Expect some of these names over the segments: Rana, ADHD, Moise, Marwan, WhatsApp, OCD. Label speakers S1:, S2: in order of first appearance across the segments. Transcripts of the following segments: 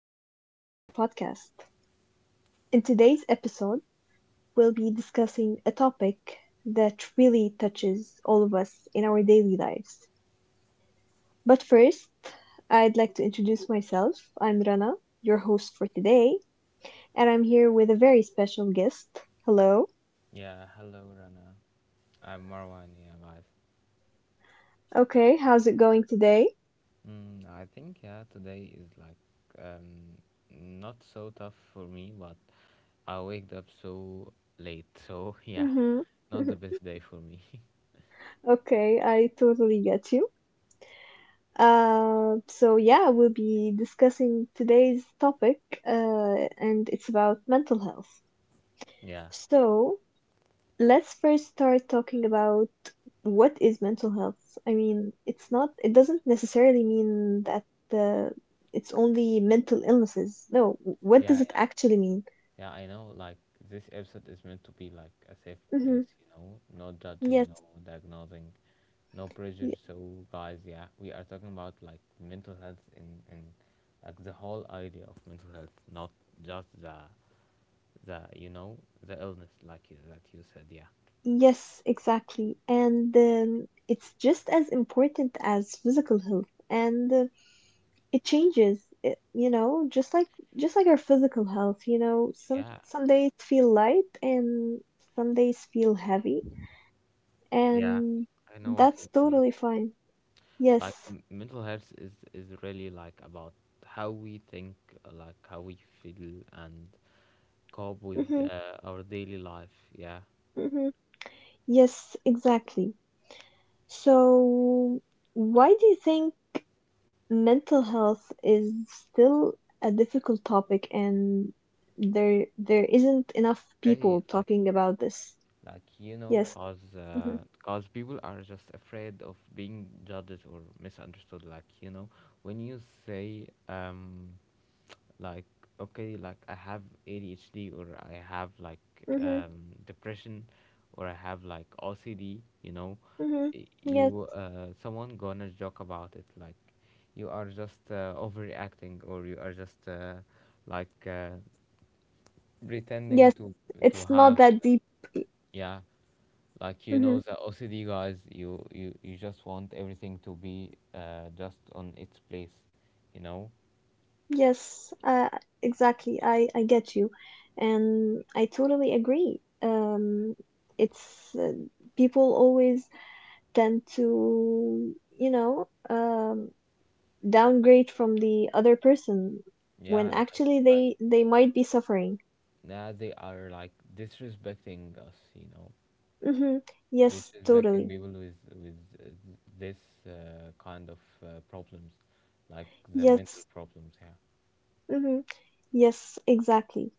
S1: welcome back to my podcast. In today's episode, we'll be discussing a topic that really touches all of us in our daily lives. But first, I'd like to introduce myself. I'm Rana, your host for today, and I'm here with a very special guest. Hello.
S2: Yeah, hello Rana. I'm Marwan. Yeah, guys.
S1: Okay, how's it going today?
S2: I think yeah today is like um not so tough for me, but I waked up so late. So yeah,
S1: Mm-hmm.
S2: not the best day for me.
S1: Okay, I totally get you. So yeah, we'll be discussing today's topic, and it's about mental health.
S2: Yeah,
S1: So let's first start talking about what is mental health. I mean, it's not, it doesn't necessarily mean that uh, it's only mental illnesses. No, what
S2: yeah,
S1: does it
S2: yeah,
S1: actually mean?
S2: yeah. I know, like this episode is meant to be like a safe
S1: Hmm.
S2: place, you know, no judging, no
S1: Yes,
S2: diagnosing, no pressure.
S1: y-
S2: So guys, yeah, we are talking about like mental health in like the whole idea of mental health, not just the the illness like you, that you said. Yeah,
S1: yes, exactly. And it's just as important as physical health. And it changes it, just like our physical health, some
S2: yeah,
S1: some days feel light and some days feel heavy,
S2: yeah,
S1: and
S2: I know what
S1: that's
S2: you mean. Yeah.
S1: totally fine.
S2: Like
S1: Yes.
S2: mental health is really like about how we think, like how we feel and cope with
S1: Hmm.
S2: our daily life. Yeah.
S1: Hmm. Yes, exactly. So why do you think mental health is still a difficult topic, and there isn't enough people
S2: Okay,
S1: talking about this?
S2: like you know,
S1: Yes. Hmm.
S2: cause people are just afraid of being judged or misunderstood, like, you know, when you say like, okay, like I have ADHD or I have like
S1: Hmm.
S2: depression, or I have like OCD, you know.
S1: Hmm. Yes.
S2: You, someone gonna joke about it like, you are just overreacting, or you are just like uh, pretending
S1: Yes,
S2: to
S1: it's not
S2: have.
S1: that deep.
S2: Yeah, like, you
S1: Hmm.
S2: know, the OCD guys, you just want everything to be just on its place, you know.
S1: Yes, exactly. I get you. And I totally agree. It's people always tend to, downgrade from the other person when
S2: Yeah, like
S1: actually they might be suffering.
S2: now they are like disrespecting us, you know,
S1: Hmm. Yes,
S2: disrespecting
S1: totally.
S2: people with this kind of problems, like the mental
S1: Yes.
S2: problems. Yeah.
S1: Hmm. Yes, exactly.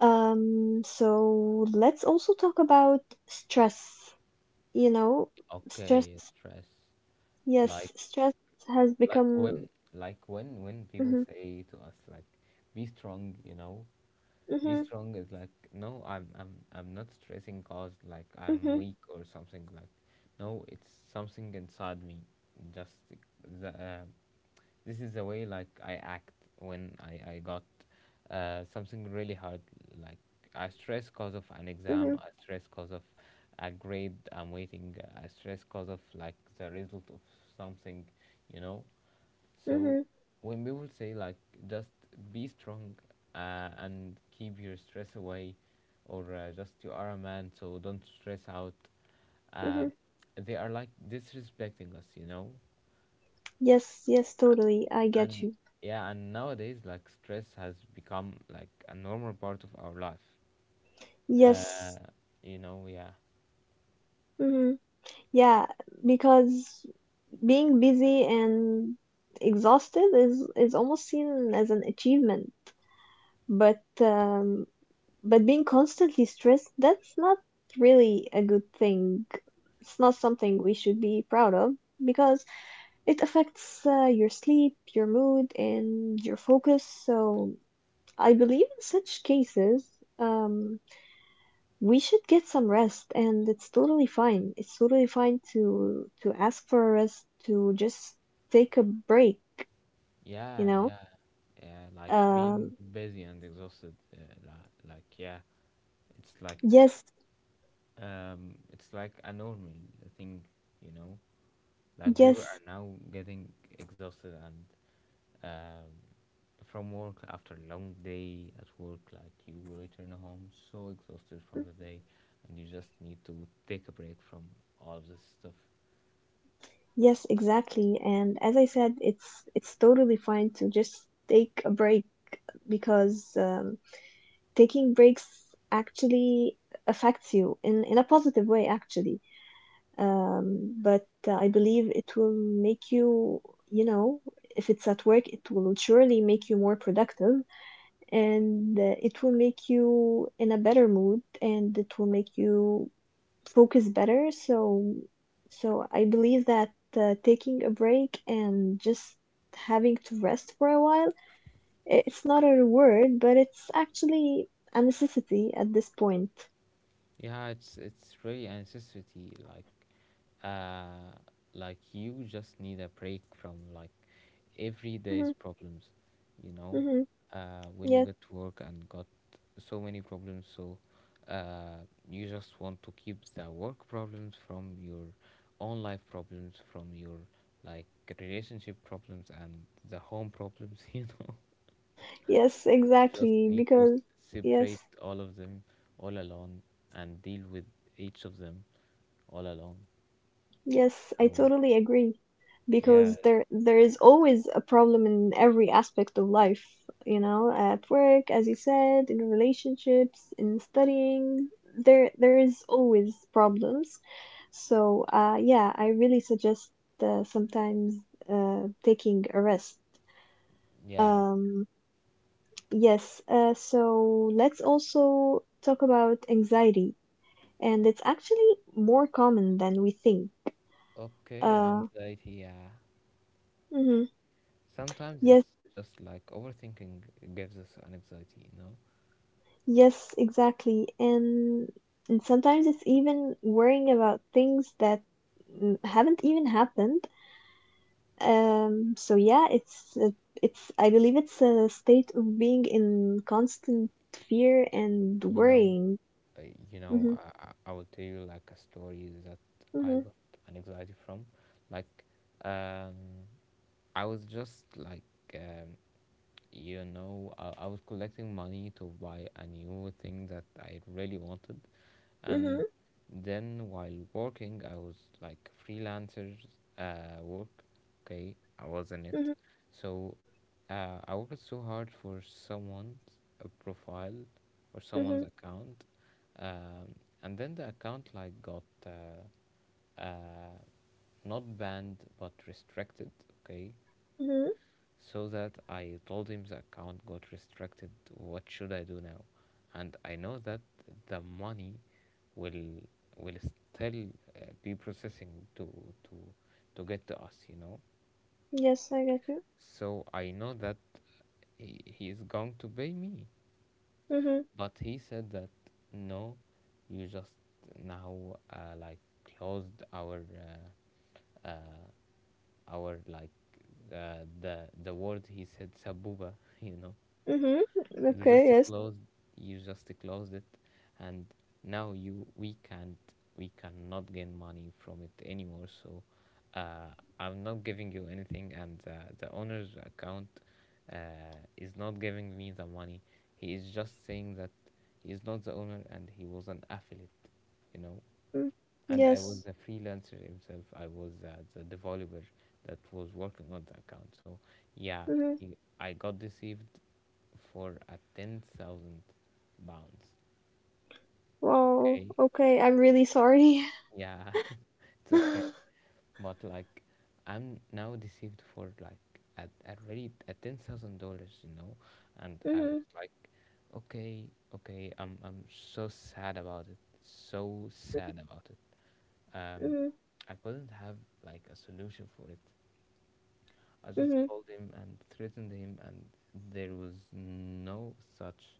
S1: So let's also talk about stress. You know, stress,
S2: Okay, stress.
S1: yes,
S2: Like,
S1: stress has
S2: like
S1: become.
S2: when when people
S1: Hmm.
S2: say to us like be strong, you know. Be
S1: Hmm.
S2: strong is like, no, I'm I'm not stressing cause like I'm
S1: Hmm.
S2: weak or something like. No, it's something inside me, just the this is the way like I act when I got something really hard. Like, I stress cause of an exam,
S1: Hmm.
S2: I stress cause of a grade I'm waiting, I stress cause of like the result of something, you know. So
S1: Hmm.
S2: when people say like just be strong, and keep your stress away, or just you are a man, so don't stress out. Uh,
S1: Hmm.
S2: they are like disrespecting us, you know.
S1: Yes, yes, totally. I get
S2: And
S1: you.
S2: yeah, and nowadays like stress has become like a normal part of our life. Uh,
S1: Yes.
S2: you know, yeah,
S1: Hmm. Yeah, because being busy and exhausted is almost seen as an achievement, but um, but being constantly stressed, that's not really a good thing. It's not something we should be proud of, because it affects your sleep, your mood, and your focus. So, I believe in such cases, um, we should get some rest, and it's totally fine. It's totally fine to ask for a rest, to just take a break, you
S2: yeah,
S1: know?
S2: yeah, yeah. Like being
S1: Um,
S2: busy and exhausted, like yeah, it's like
S1: yes,
S2: it's like a normal thing, you know. Like people are
S1: yes,
S2: now getting exhausted and, um, from work after a long day at work. Like you return home so exhausted from the day, and you just need to take a break from all of this stuff.
S1: yes, exactly. And as I said, it's totally fine to just take a break, because taking breaks actually affects you in a positive way actually. But I believe it will make you, you know if it's at work, it will surely make you more productive, and it will make you in a better mood, and it will make you focus better. So I believe that taking a break and just having to rest for a while, it's not a reward, but it's actually a necessity at this point.
S2: Yeah, it's really a necessity. Like, uh, like you just need a break from like everyday's
S1: Hmm.
S2: problems, you know.
S1: Hmm.
S2: When you
S1: Yes,
S2: got to work and got so many problems, so uh, you just want to keep the work problems from your own life problems from your like relationship problems and the home problems. You know,
S1: yes,
S2: you just
S1: exactly.
S2: need to
S1: Because yes,
S2: separate all of them all alone and deal with each of them all alone.
S1: yes, I
S2: So
S1: totally agree.
S2: yeah,
S1: Because there is always a problem in every aspect of life, you know, at work, as you said, in relationships, in studying. There is always problems. So yeah, I really suggest sometimes taking a rest.
S2: yeah.
S1: Um, Yes, so let's also talk about anxiety, and it's actually more common than we think.
S2: Okay,
S1: Uh,
S2: anxiety, yeah.
S1: mhm.
S2: Sometimes
S1: Yes,
S2: it's just like overthinking gives us an anxiety, you know?
S1: yes, exactly. And sometimes it's even worrying about things that haven't even happened. So yeah, it's I believe it's a state of being in constant fear and
S2: You know,
S1: worrying.
S2: uh, you know,
S1: Mm-hmm.
S2: I will tell you like a story that I
S1: Mm-hmm.
S2: got an anxiety from. Like, um, I was just like, um, you know, I was collecting money to buy a new thing that I really wanted, and
S1: Mm-hmm.
S2: then while working I was like freelancers work. Okay, I was in it. So I worked so hard for someone's profile or someone's
S1: Mm-hmm.
S2: account, um, and then the account like got uh, not banned but restricted, okay.
S1: Mm-hmm.
S2: So that I told him the account got restricted. What should I do now? And I know that the money will will still be processing to to to get to us, you know.
S1: Yes, I get
S2: So I know that he is going to pay me,
S1: you.
S2: but he said that no, you just now like closed our like the word he said sabuba, you know.
S1: Mm-hmm.
S2: you
S1: Okay,
S2: just
S1: yes.
S2: closed you just closed it, and now you we can't we cannot gain money from it anymore, so uh, I'm not giving you anything, and the owner's account uh, is not giving me the money. He is just saying that he is not the owner and he was an affiliate, you know.
S1: Mm,
S2: And I was
S1: yes.
S2: the freelancer himself. I was the developer that was working on the account. So yeah,
S1: Mm-hmm.
S2: I got deceived for a £10,000.
S1: Wow.
S2: Okay,
S1: Okay, I'm really sorry.
S2: yeah, it's okay. But like I'm now deceived for like at already at $10,000, you know, and I
S1: Mm-hmm.
S2: was like, okay, okay, I'm so sad about it, so sad about it. Um,
S1: Mm-hmm.
S2: I couldn't have like a solution for it. I just
S1: Mm-hmm.
S2: called him and threatened him, and there was no such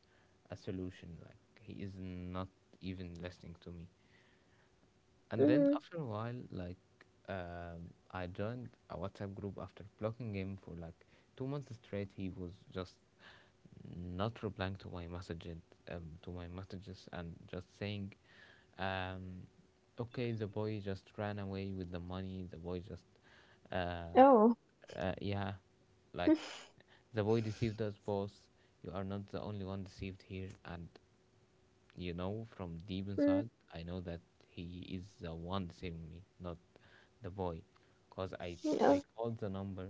S2: a solution. Like he is not even listening to me. And then
S1: Mm-hmm.
S2: after a while, like, I joined a WhatsApp group after blocking him for like 2 months straight. He was just not replying to my messages, and just saying, um, "Okay, the boy just ran away with the money. The boy just, uh,
S1: Oh.
S2: yeah, like the boy deceived us, boss. You are not the only one deceived here." And you know from deep
S1: Mm,
S2: inside I know that he is the one saving me, not the boy. Because I
S1: oh.
S2: called the number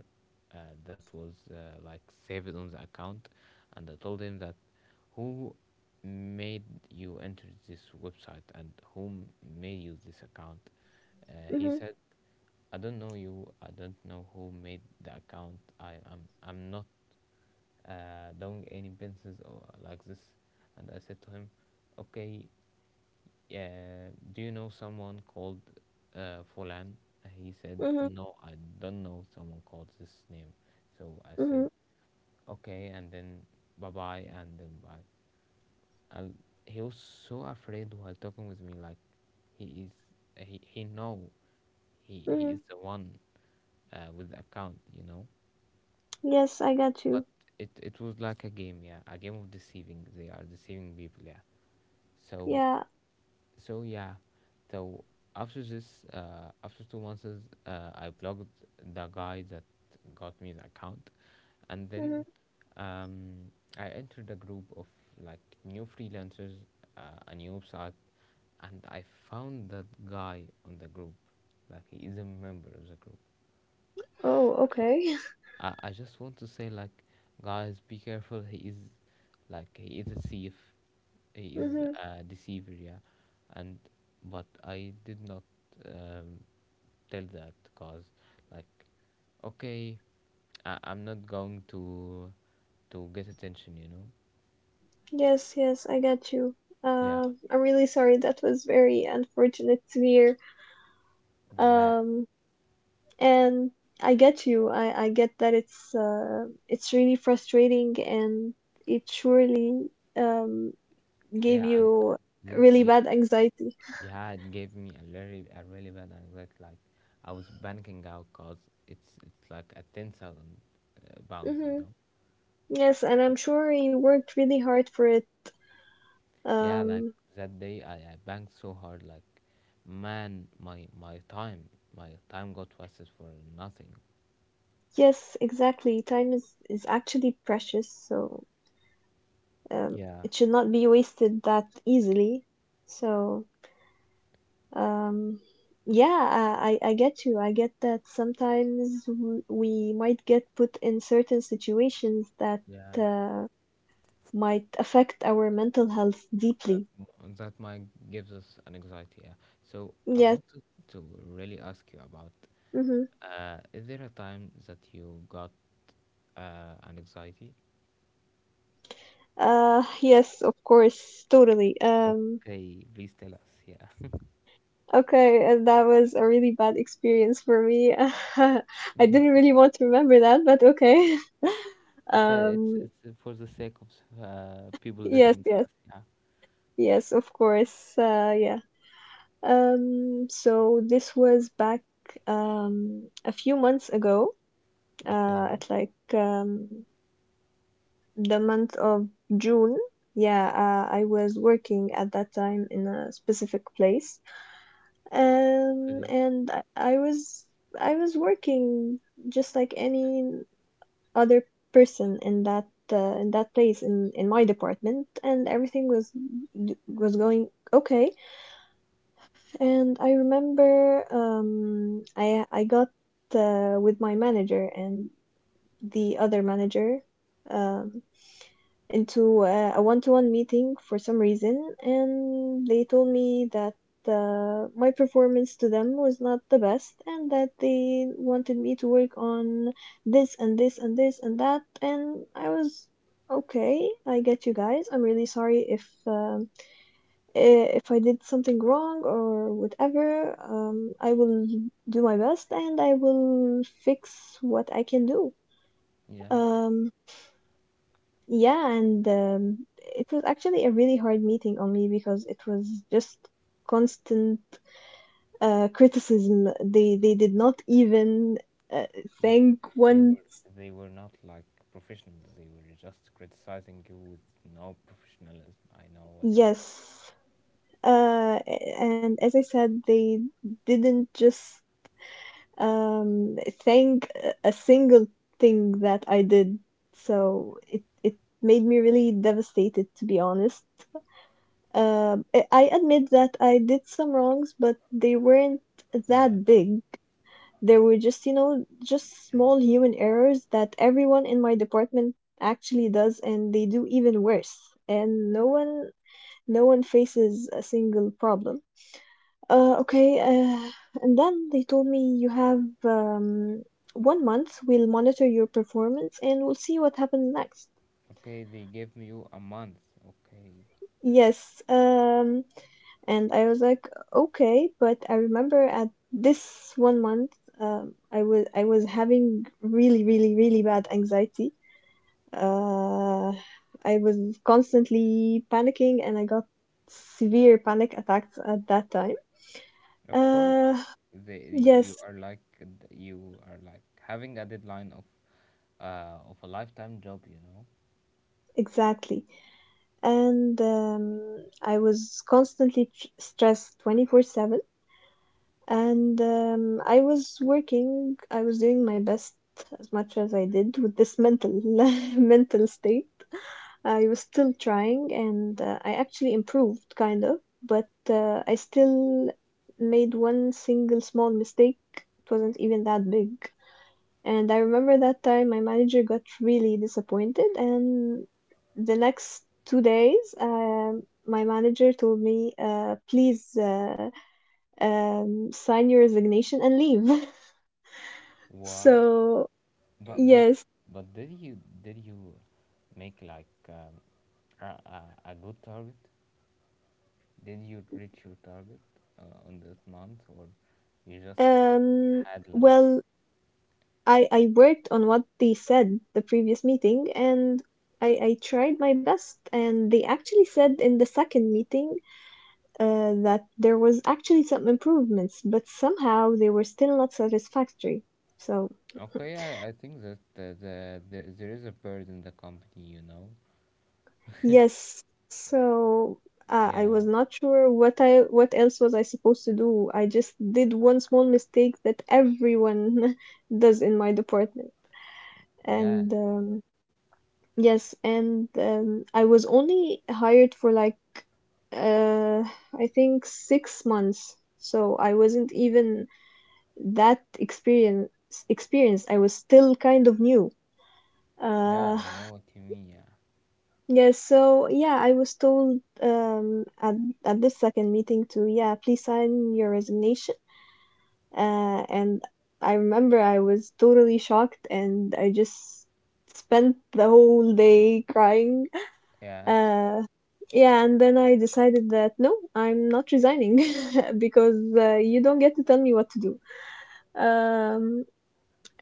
S2: uh, that was like saved on the account, and I told him that who made you enter this website and whom made you this account. He
S1: Mm-hmm.
S2: said I don't know you, I don't know who made the account, I'm not long any business or like this. And I said to him, okay, do you know someone called fulan? He said
S1: Mm-hmm.
S2: no, I don't know someone called this name. So I said
S1: Mm-hmm.
S2: okay, and then bye bye, and then bye. And he was so afraid while talking with me, like he is he know, he
S1: Mm-hmm.
S2: is the one with the account, you know.
S1: Yes, I got
S2: But
S1: you.
S2: it was like a game, yeah, a game of deceiving, they are deceiving people, yeah. So
S1: Yeah.
S2: so yeah, so after this, after 2 months, I blocked the guy that got me the account, and
S1: Mm-hmm.
S2: then um, I entered a group of like new freelancers, a new website, and I found that guy on the group, like he is a member of the group.
S1: Oh,
S2: Okay,
S1: okay.
S2: I just want to say like, guys, be careful, he is like, he is a thief, he is
S1: Mm-hmm.
S2: a deceiver, yeah. And but I did not um, tell that, cause like, okay, I'm not going to get attention, you know.
S1: Yes, yes, I got you.
S2: Yeah,
S1: I'm really sorry. That was very unfortunate to hear.
S2: yeah,
S1: Um, And I get you. I get that it's really frustrating, and it surely um, gave
S2: yeah, and
S1: you
S2: this
S1: really
S2: ga-
S1: bad anxiety.
S2: yeah, it gave me a really bad anxiety, like I was banking out cause it's like a 10,000 pounds, you
S1: Hmm.
S2: know.
S1: Yes, and I'm sure you worked really hard for it.
S2: Yeah, like
S1: Um,
S2: that day, I banged so hard, like, man, my time got wasted for nothing.
S1: yes, exactly. Time is actually precious, so
S2: Yeah.
S1: it should not be wasted that easily. So Um, yeah, I get you. I get that sometimes we might get put in certain situations that
S2: Yeah,
S1: uh, might affect our mental health deeply.
S2: that might gives us an anxiety. Yeah. So I
S1: Yes.
S2: wanted to really ask you about,
S1: Mm-hmm.
S2: is there a time that you got, an anxiety?
S1: Yes, of course, totally.
S2: Okay, please tell us. Yeah.
S1: Okay, and that was a really bad experience for me. I didn't really want to remember that, but okay.
S2: Okay,
S1: Um,
S2: it's for the sake of people
S1: yes,
S2: listening to
S1: yes,
S2: us. Yeah.
S1: yes, of course. Yeah. So this was back a few months ago,
S2: Okay.
S1: at like the month of June. Yeah, I was working at that time in a specific place,
S2: Okay.
S1: and I was working just like any other person in that place in my department, and everything was going okay. And I remember I got with my manager and the other manager um, into a one-to-one meeting for some reason, and they told me that my performance to them was not the best, and that they wanted me to work on this and this and this and that, and I was okay. I get you guys. I'm really sorry if I did something wrong or whatever. I will do my best and I will fix what I can do.
S2: Yeah.
S1: Um, yeah, and it was actually a really hard meeting on me, because it was just constant criticism. They did not even uh,
S2: They
S1: thank
S2: they
S1: one.
S2: were they were not like professionals. They were just criticizing you with no professionalism. I know what you.
S1: Yes. And as I said, they didn't just Um, saying a single thing that I did, so it made me really devastated, to be honest. I admit that I did some wrongs, but they weren't
S2: Yeah,
S1: that big. They were just, you know, just
S2: yeah.
S1: small human errors that everyone in my department actually does, and they do even worse. And no one, no one faces a single problem. Okay, and then they told me you have one month. We'll monitor your performance and we'll see what happens next.
S2: Okay, they give you a month. Okay,
S1: Yes, and I was like, okay, but I remember at this one month, I was having really, really, really bad anxiety. Uh, I was constantly panicking, and I got severe panic attacks at that time.
S2: of course.
S1: Uh,
S2: They You, you
S1: yes,
S2: are like, you are like having a deadline of a lifetime job. You know
S1: exactly. And I was constantly stressed 24/7. And I was working, I was doing my best as much as I did with this mental mental state. I was still trying, and I actually improved kind of, but I still made one single small mistake. It wasn't even that big, and I remember that time my manager got really disappointed. And the next 2 days, my manager told me, please sign your resignation and leave.
S2: what?
S1: So,
S2: But but
S1: yes.
S2: but did you did you make like, a good target? Did you reach your target on that month, or you just
S1: Um,
S2: had like?
S1: well, I worked on what they said the previous meeting, and I tried my best. And they actually said in the second meeting that there was actually some improvements, but somehow they were still not satisfactory. So
S2: Okay, I think that the there is a bird in the company, you know.
S1: yes, so I was
S2: Yeah,
S1: not sure what else was I supposed to do. I just did one small mistake that everyone does in my department,
S2: yeah,
S1: and yes, and I was only hired for like uh, I think 6 months. So I wasn't even that experience. I was still kind of new.
S2: yeah.
S1: Uh,
S2: I know what you mean. Yeah,
S1: yeah, so yeah, I was told at this second meeting to, yeah, please sign your resignation. And I remember I was totally shocked, and I just spent the whole day crying.
S2: yeah.
S1: Uh, yeah, and then I decided that no, I'm not resigning, because you don't get to tell me what to do. Um,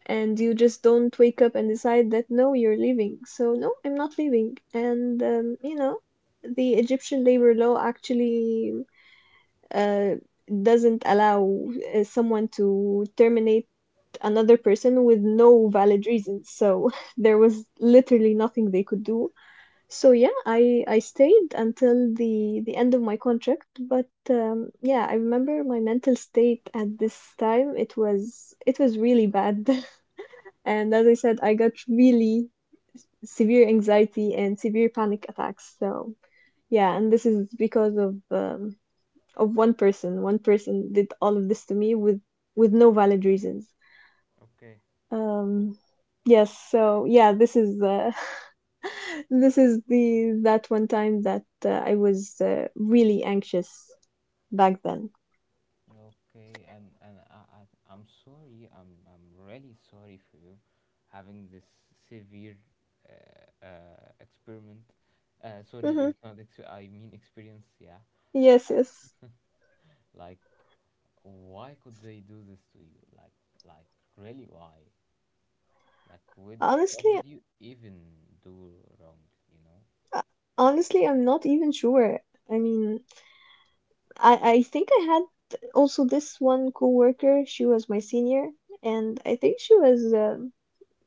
S1: and you just don't wake up and decide that no, you're leaving, so no, I'm not leaving. And you know, the Egyptian labor law actually uh, doesn't allow someone to terminate another person with no valid reason, so there was literally nothing they could do. So yeah, I stayed until the end of my contract. But yeah, I remember my mental state at this time, it was really bad. And as I said, I got really severe anxiety and severe panic attacks. So yeah, and this is because of one person. One person did all of this to me with no valid reasons.
S2: Okay.
S1: Um, yes, so yeah, this is this is the that one time that I was really anxious back then.
S2: Okay, and I I'm sorry. I'm really sorry for you having this severe experiment. Sorry,
S1: Mm-hmm.
S2: it's not ex- I mean experience. Yeah.
S1: Yes, yes.
S2: Like, why could they do this to you? Like really, why? Like, with what
S1: Honestly,
S2: did you even do wrong? You know?
S1: Uh, Honestly, I'm not even sure. I mean, I think I had also this one coworker. She was my senior, and I think she was um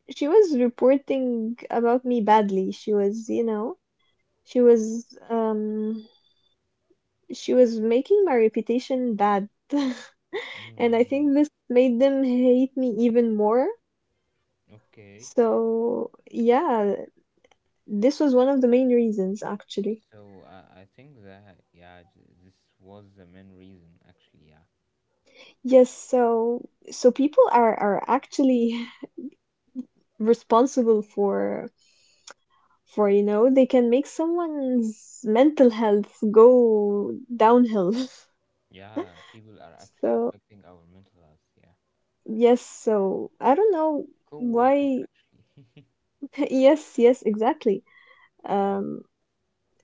S1: she was reporting about me badly. She was, you know, she was um she was making my reputation bad, and I
S2: Mm,
S1: think this made them hate me even more.
S2: okay.
S1: So yeah, this was one of the main reasons actually.
S2: So I think that yeah, this was the main reason actually. Yeah,
S1: Yes, so people are actually responsible for for they can make someone's mental health go downhill.
S2: yeah, people are actually
S1: so
S2: affecting our mental health. Yeah,
S1: yes so I don't know
S2: co-workers
S1: why.
S2: actually.
S1: Yes, exactly.
S2: Yeah,
S1: um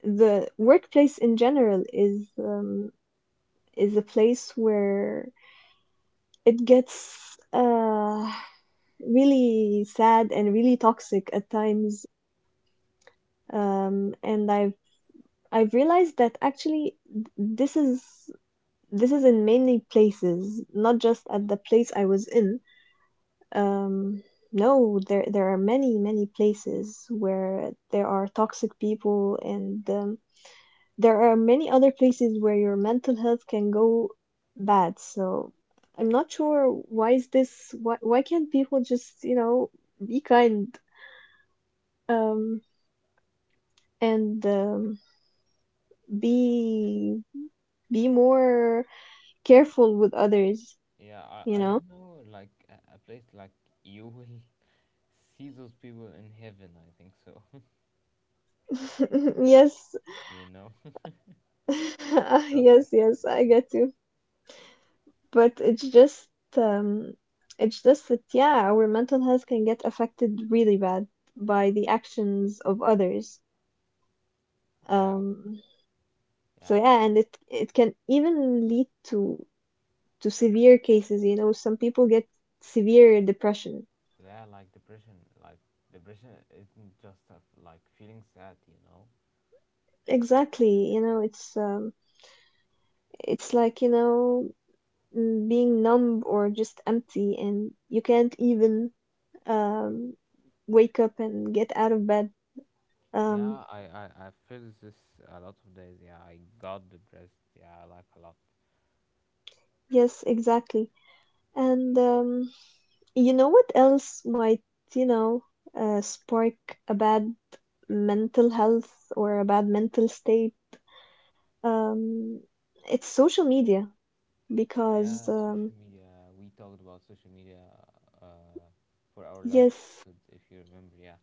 S1: the workplace in general is, is a place where it gets really sad and really toxic at times. And I've realized that actually This is in many places, not just at the place I was in. Um, no, There are many places where there are toxic people, and there are many other places where your mental health can go bad. So I'm not sure why is this, why can't people just be kind, um, and be be more careful with others,
S2: yeah.
S1: you
S2: I
S1: know?
S2: don't know like a place like, you will see those people in heaven. I think so.
S1: Yes,
S2: You know, just in.
S1: yes, yes, I get you. But it's just, um it's just that yeah, our mental health can get affected really bad by the actions of others.
S2: Yeah,
S1: Um so
S2: yeah,
S1: yeah, and
S2: and
S1: it can even lead to severe cases, you know, some people get severe depression.
S2: yeah, like depression isn't just a, like feeling sad, you know.
S1: Exactly, you know, it's, it's like, you know, mm, being numb or just empty and you can't even, um wake up and get out of bed. Um,
S2: Yeah, I feel this a lot of days. Yeah, I got depressed. Yeah, like a lot.
S1: yes, exactly. And, you know what else might, you know, spark a bad mental health or a bad mental state? Um, it's social media because,
S2: Yeah, social media. We talked about social media, uh, for our last
S1: yes,
S2: episode, if you remember. Yeah,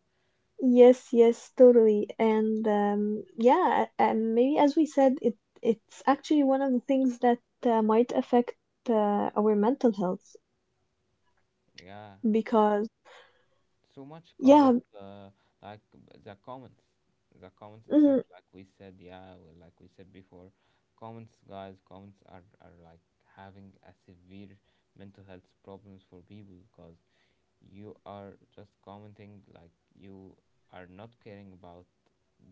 S1: yes, yes, totally. And yeah, maybe as we said, it's actually one of the things that might affect, our mental health
S2: yeah.
S1: because
S2: So much cause of
S1: yeah,
S2: like the comments itself,
S1: mm,
S2: like we said. Yeah, well, like we said before, comments, guys, comments are like having a severe mental health problems for people, because you are just commenting, like you are not caring about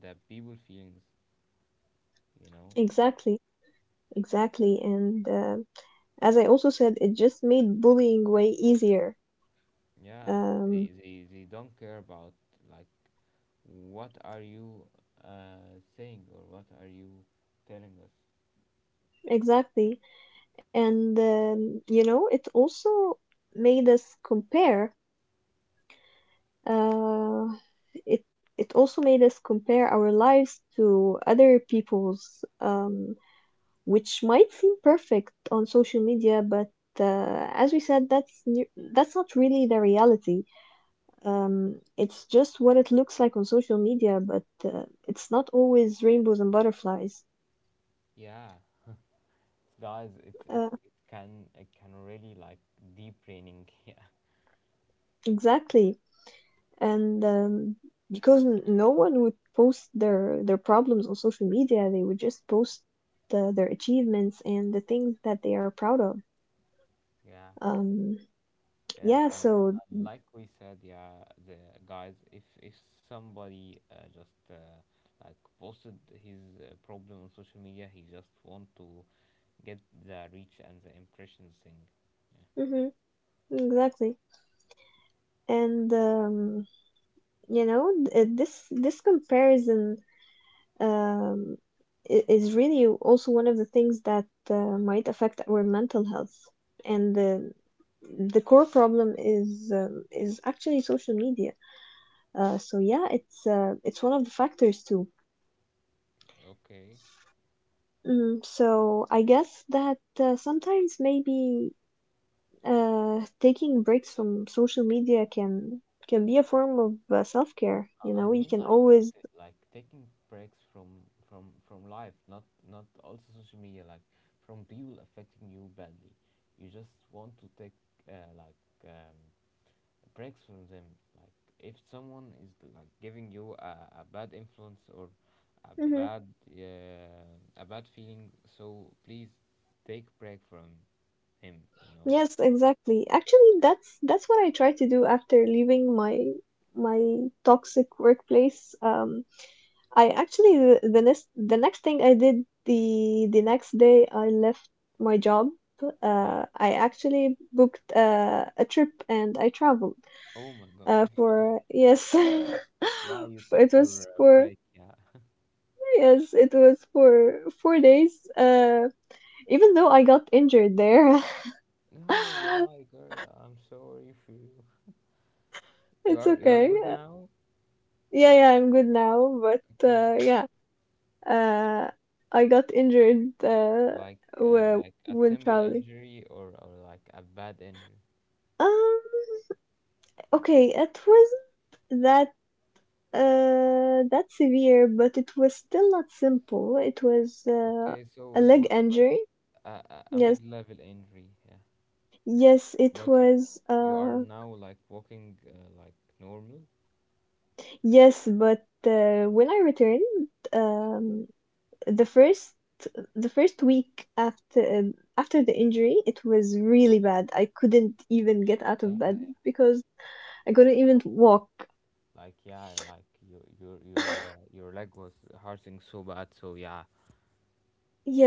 S2: the people feelings, you know
S1: exactly. Exactly. And as I also said, it just made bullying way easier.
S2: yeah
S1: Um,
S2: they, they, they don't care about, like, what are you saying, or what are you telling us?
S1: exactly. And, you know, it also made us compare, uh, it, it also made us compare our lives to other people's, which might seem perfect on social media, but as we said, that's not really the reality. It's just what it looks like on social media, but it's not always rainbows and butterflies.
S2: Yeah, guys, it's,
S1: Uh,
S2: it's it can really, like, deep raining. Yeah,
S1: exactly. And because no one would post their problems on social media, they would just post the, their achievements and the things that they are proud of.
S2: yeah,
S1: Um,
S2: yeah.
S1: yeah,
S2: um,
S1: so
S2: and like we said, yeah, the guys, if somebody, just, like, posted his problem on social media, he just want to get the reach and the impressions thing. Yeah.
S1: hmm exactly. And you know, this comparison, um, is really also one of the things that might affect our mental health. And the core problem is, is actually social media. So yeah, it's, it's one of the factors too.
S2: Okay.
S1: Mm, so I guess that sometimes maybe taking breaks from social media can be a form of self care. You
S2: I
S1: know, you
S2: mean,
S1: can
S2: like,
S1: always
S2: like taking breaks from from life, not also social media, like from people affecting you badly. You just want to take, like, um, breaks from them. Like if someone is like giving you a bad influence, or a
S1: Mhm.
S2: bad, a bad feeling, so please take break from him. You know?
S1: Yes, exactly. Actually, that's what I try to do after leaving my, my toxic workplace. I actually the next thing I did the next day I left my job.
S2: Yeah.
S1: I actually booked a trip and I traveled.
S2: Oh my God.
S1: For yes,
S2: Yeah, you
S1: it
S2: took your
S1: was for
S2: break. Yeah.
S1: yes, it was for 4 days. Even though I got injured there,
S2: No, why, girl? I'm sorry if you. you
S1: it's
S2: are you are good
S1: okay.
S2: now.
S1: Yeah, yeah, I'm good now, but
S2: Okay,
S1: yeah, uh, I got injured,
S2: like, like a
S1: when
S2: simple
S1: traveling.
S2: injury, or like a bad injury.
S1: Um, okay, it wasn't that that severe, but it was still not simple. It was,
S2: Okay, so
S1: a
S2: it
S1: leg
S2: was like
S1: injury.
S2: a a
S1: Yes,
S2: mid-level injury. Yeah,
S1: yes, it
S2: but you
S1: was.
S2: you are now like walking, like, normal.
S1: Yes, but when I returned, the first the first week after, after the injury, it was really bad. I couldn't even
S2: Y-
S1: get out of
S2: Yeah, I,
S1: bed because I couldn't
S2: I
S1: even
S2: know what you mean.
S1: walk.
S2: Like, yeah, like your your your leg was hurting so bad. So yeah,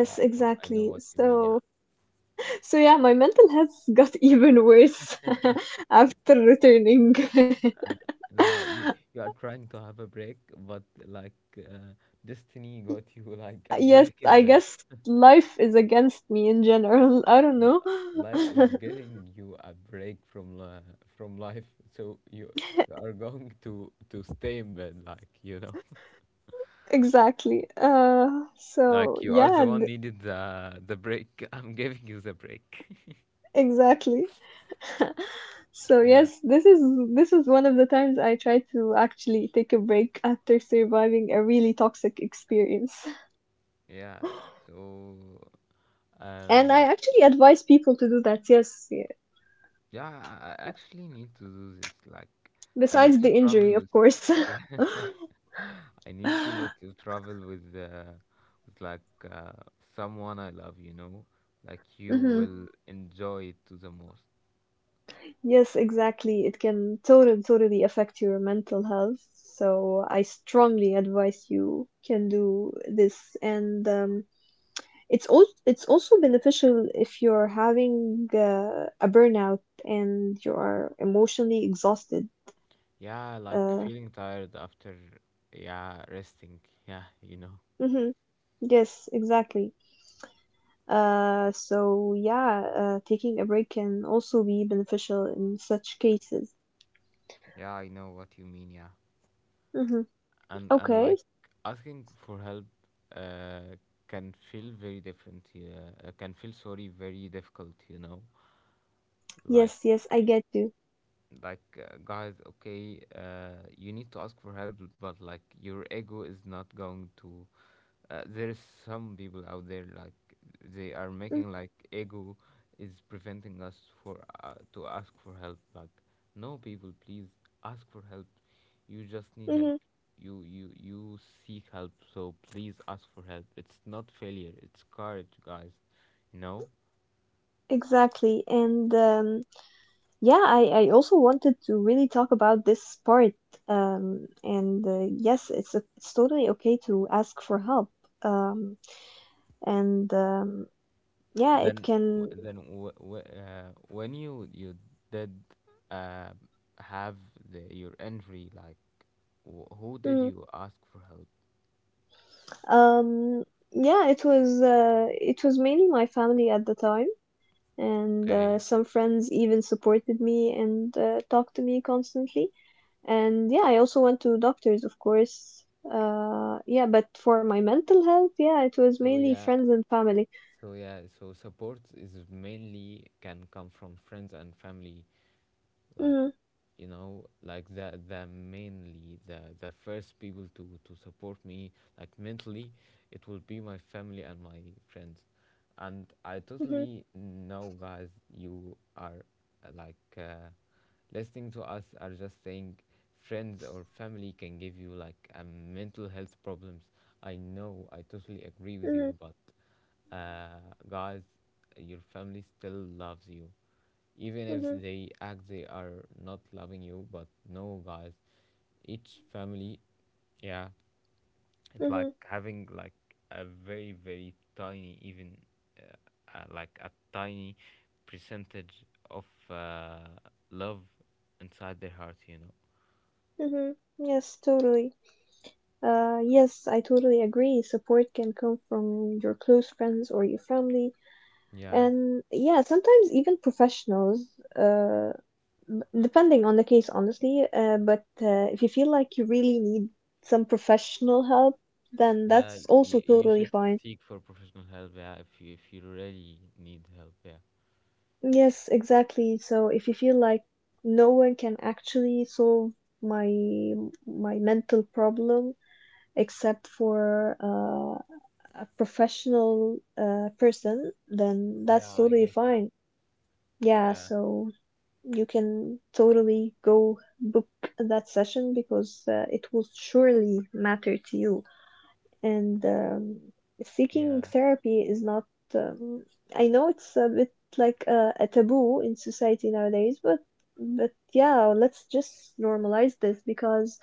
S2: yeah, I know
S1: exactly.
S2: what you mean. Yeah.
S1: So, so yeah, my mental health got even worse after returning.
S2: Like you are trying to have a break, but like, uh, destiny got you like a
S1: Yes,
S2: break
S1: I
S2: in bed.
S1: guess life is against me in general. I don't know.
S2: Life is giving you a break from li, from life, so you are going to stay in bed, like, you know,
S1: Exactly. So
S2: like you are
S1: yeah,
S2: the one
S1: and-
S2: needed the break. I'm giving you the break.
S1: exactly. So
S2: Yeah,
S1: yes, this is, this is one of the times I tried to actually take a break after surviving a really toxic experience.
S2: yeah. So,
S1: And I
S2: um,
S1: actually advise people to do that. Yes, yeah.
S2: yeah, I actually need to do this. Like, I need
S1: Besides
S2: to
S1: the injury,
S2: travel
S1: of
S2: with.
S1: course.
S2: I need to travel with, with like, someone I love, you know, like you
S1: Hmm.
S2: will enjoy it to the most.
S1: Yes, exactly. It can totally, totally affect your mental health. So I strongly advise you can do this. And it's also, it's also beneficial if you're having a burnout and you are emotionally exhausted.
S2: Yeah, like
S1: Uh,
S2: feeling tired after, yeah, resting. Yeah, you know.
S1: mhm, yes, exactly. So yeah, taking a break can also be beneficial in such cases.
S2: Yeah, I know what you mean. Yeah,
S1: Hmm.
S2: and
S1: Okay.
S2: like asking for help, uh, can feel very different. Can feel sorry very difficult, you know, like
S1: Yes, yes, I get you.
S2: like, guys, okay, you need to ask for help, but like your ego is not going to, there's some people out there, like they are making like, ego is preventing us for, to ask for help, like no, people, please ask for help, you just need help,
S1: Mm-hmm.
S2: you seek help, so please ask for help, it's not failure, it's courage, guys, you know.
S1: Exactly. And yeah, I also wanted to really talk about this part. And yes, it's a, it's totally okay to ask for help. Um, and yeah, it
S2: Then,
S1: can.
S2: then when you did, uh, have the, your injury, like who did
S1: Mm,
S2: you ask for help?
S1: um, yeah, it was, it was mainly my family at the time, and
S2: Okay.
S1: some friends even supported me and talked to me constantly. And yeah, I also went to doctors, of course. Yeah, but for my mental health, yeah, it was
S2: So
S1: mainly
S2: yeah,
S1: friends and family.
S2: so support is mainly can come from friends and family. Like,
S1: Mm,
S2: you know, like the mainly the first people to support me, like, mentally, it will be my family and my friends. And I
S1: mhm,
S2: totally know, guys, you are, like, listening to us are just saying friends or family can give you, like, a mental health problems. I know, I totally agree with
S1: mhm,
S2: you, but, uh, guys, your family still loves you. Even if
S1: mhm,
S2: they act they are not loving you, but no, guys, each family, yeah, it's like
S1: mhm,
S2: having like a very, very tiny, even, like, a tiny percentage of, love inside their heart, you know.
S1: mhm. Yes, totally. Yes, I totally agree. Support can come from your close friends or your family,
S2: Yeah,
S1: and yeah, sometimes even professionals, uh, depending on the case, honestly. But if you feel like you really need some professional help, then
S2: yeah,
S1: that's also
S2: you
S1: totally
S2: should
S1: fine.
S2: seek for professional help, yeah, if you really need help, yeah.
S1: Yes, exactly. So if you feel like no one can actually solve my, my mental problem except for, a professional person, then
S2: Yeah,
S1: that's
S2: I
S1: totally
S2: get you.
S1: fine. Yeah,
S2: Yeah,
S1: so you can totally go book that session because it will surely matter to you. And seeking
S2: yeah,
S1: therapy is not, um, I know it's a bit like a taboo in society nowadays, but yeah, let's just normalize this because,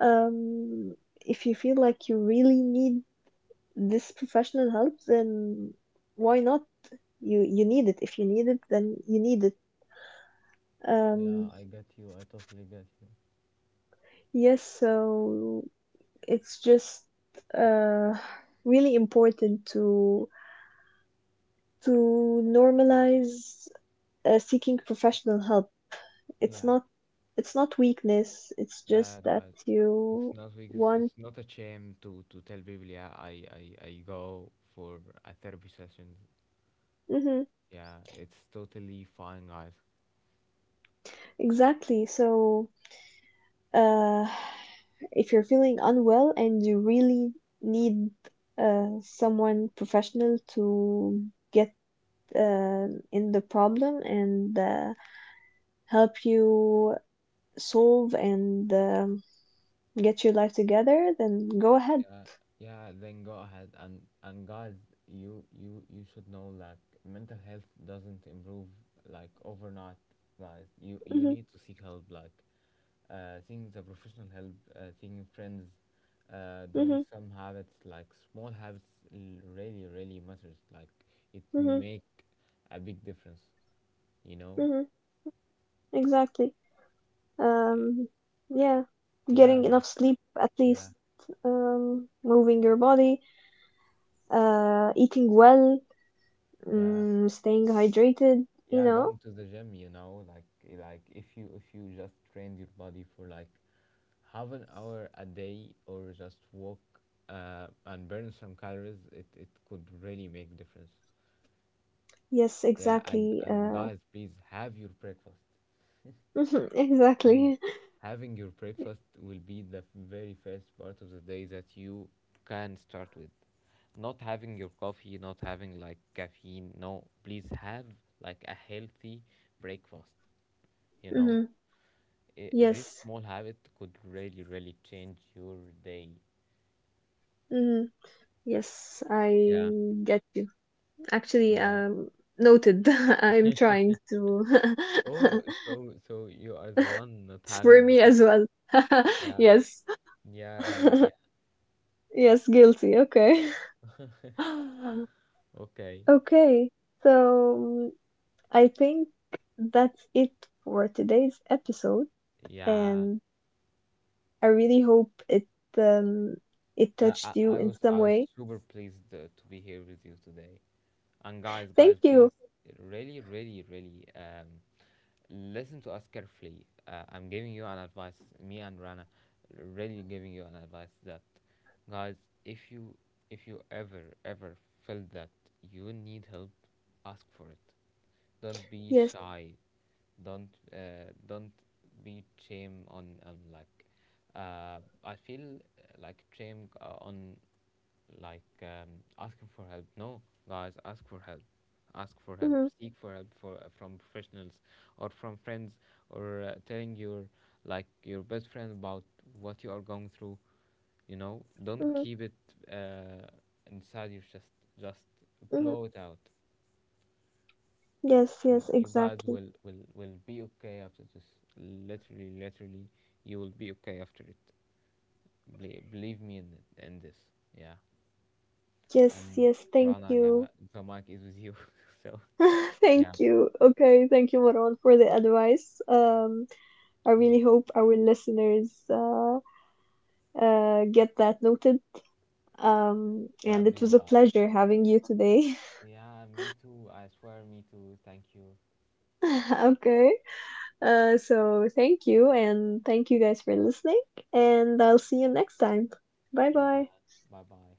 S1: um, if you feel like you really need this professional help, then why not? You need it. If you need it, then you need it.
S2: yeah.
S1: Um,
S2: I get you. I totally get you.
S1: yes, so it's just, uh, really important to normalize seeking professional help. It's
S2: Yeah,
S1: not, it's not weakness. It's
S2: yeah,
S1: just that
S2: guys. It's
S1: you
S2: not, because
S1: want.
S2: it's not a shame to tell people. Yeah, I go for a therapy session.
S1: Hmm.
S2: Yeah, it's totally fine, guys.
S1: Exactly. So Uh, if you're feeling unwell and you really need, someone professional to get, in the problem and help you solve and get your life together, then go ahead.
S2: Yeah, yeah. Then go ahead, and guys, you should know, like, mental health doesn't improve like overnight, guys. You
S1: Mhm,
S2: need to seek help. Like, seeing the professional help, seeing friends, doing
S1: mhm,
S2: some habits, like small habits, really really matters. Like, it
S1: mhm,
S2: make a big difference, you
S1: mhm.
S2: know.
S1: Exactly.
S2: Y-
S1: Um, yeah,
S2: Yeah,
S1: getting enough
S2: like
S1: sleep at
S2: yeah,
S1: least, moving your body, eating well,
S2: yeah,
S1: mm, staying hydrated, you
S2: yeah.
S1: know?
S2: Going to the gym, you know, like if you, if you just train your body for, like, half an hour a day, or just walk, and burn some calories, it could really make difference.
S1: Yes,
S2: Yeah,
S1: exactly.
S2: and guys, please have your breakfast. Please,
S1: Exactly.
S2: having your breakfast will be the very first part of the day that you can start with. Not having your coffee, not having like caffeine, no, please have like a healthy breakfast, you know.
S1: Hmm.
S2: I, this
S1: Yes.
S2: small habit could really really change your day.
S1: Hmm. Yes,
S2: Yeah,
S1: I get you. Actually,
S2: yeah.
S1: noted. I'm trying to.
S2: Oh, so you are the one not
S1: It's for
S2: having
S1: me
S2: the-.
S1: as well.
S2: Yeah,
S1: Yes.
S2: yeah, Rana, yeah.
S1: Yes, guilty. Okay.
S2: Okay,
S1: Okay. So mm, I think that's it for today's episode.
S2: yeah.
S1: And I really hope it, um, it
S2: Yeah, I,
S1: touched you
S2: I
S1: in
S2: was
S1: some
S2: I was
S1: way.
S2: super pleased, to be here with you today. And guys,
S1: Thank
S2: guys,
S1: you.
S2: please, really, really, really, listen to us carefully. I'm giving you an advice, me and Rana, really giving you an advice that, guys, if you, ever ever feel that you need help, ask for it. Don't be
S1: Yes.
S2: shy. Don't, don't be shame on, like, I feel, like shame, on, like, asking for help, no, guys, ask for help, ask for help,
S1: Hmm.
S2: seek for help for, from professionals, or from friends, or, telling your, like, your best friend about what you are going through, you know, don't
S1: Hmm.
S2: keep it, uh, inside you, just just
S1: Hmm.
S2: blow it out.
S1: Yes,
S2: And
S1: yes,
S2: you guys
S1: exactly.
S2: will will be okay after this. Literally, literally, you will be okay after it. Believe me in, it, in this. Yeah.
S1: Yes,
S2: And
S1: yes, thank
S2: Rana, yeah,
S1: you.
S2: the mic is with you. So, yeah,
S1: Thank you. Okay, thank you, Marwan, for the advice. I really
S2: w-
S1: hope our listeners, get that noted.
S2: yeah,
S1: And it
S2: please,
S1: was a
S2: guys.
S1: pleasure having you today.
S2: Yeah, me too. I swear, me too. Thank you.
S1: Okay, so thank you, and thank you guys for listening, and I'll see you next time. Bye
S2: Yeah,
S1: bye.
S2: bye bye.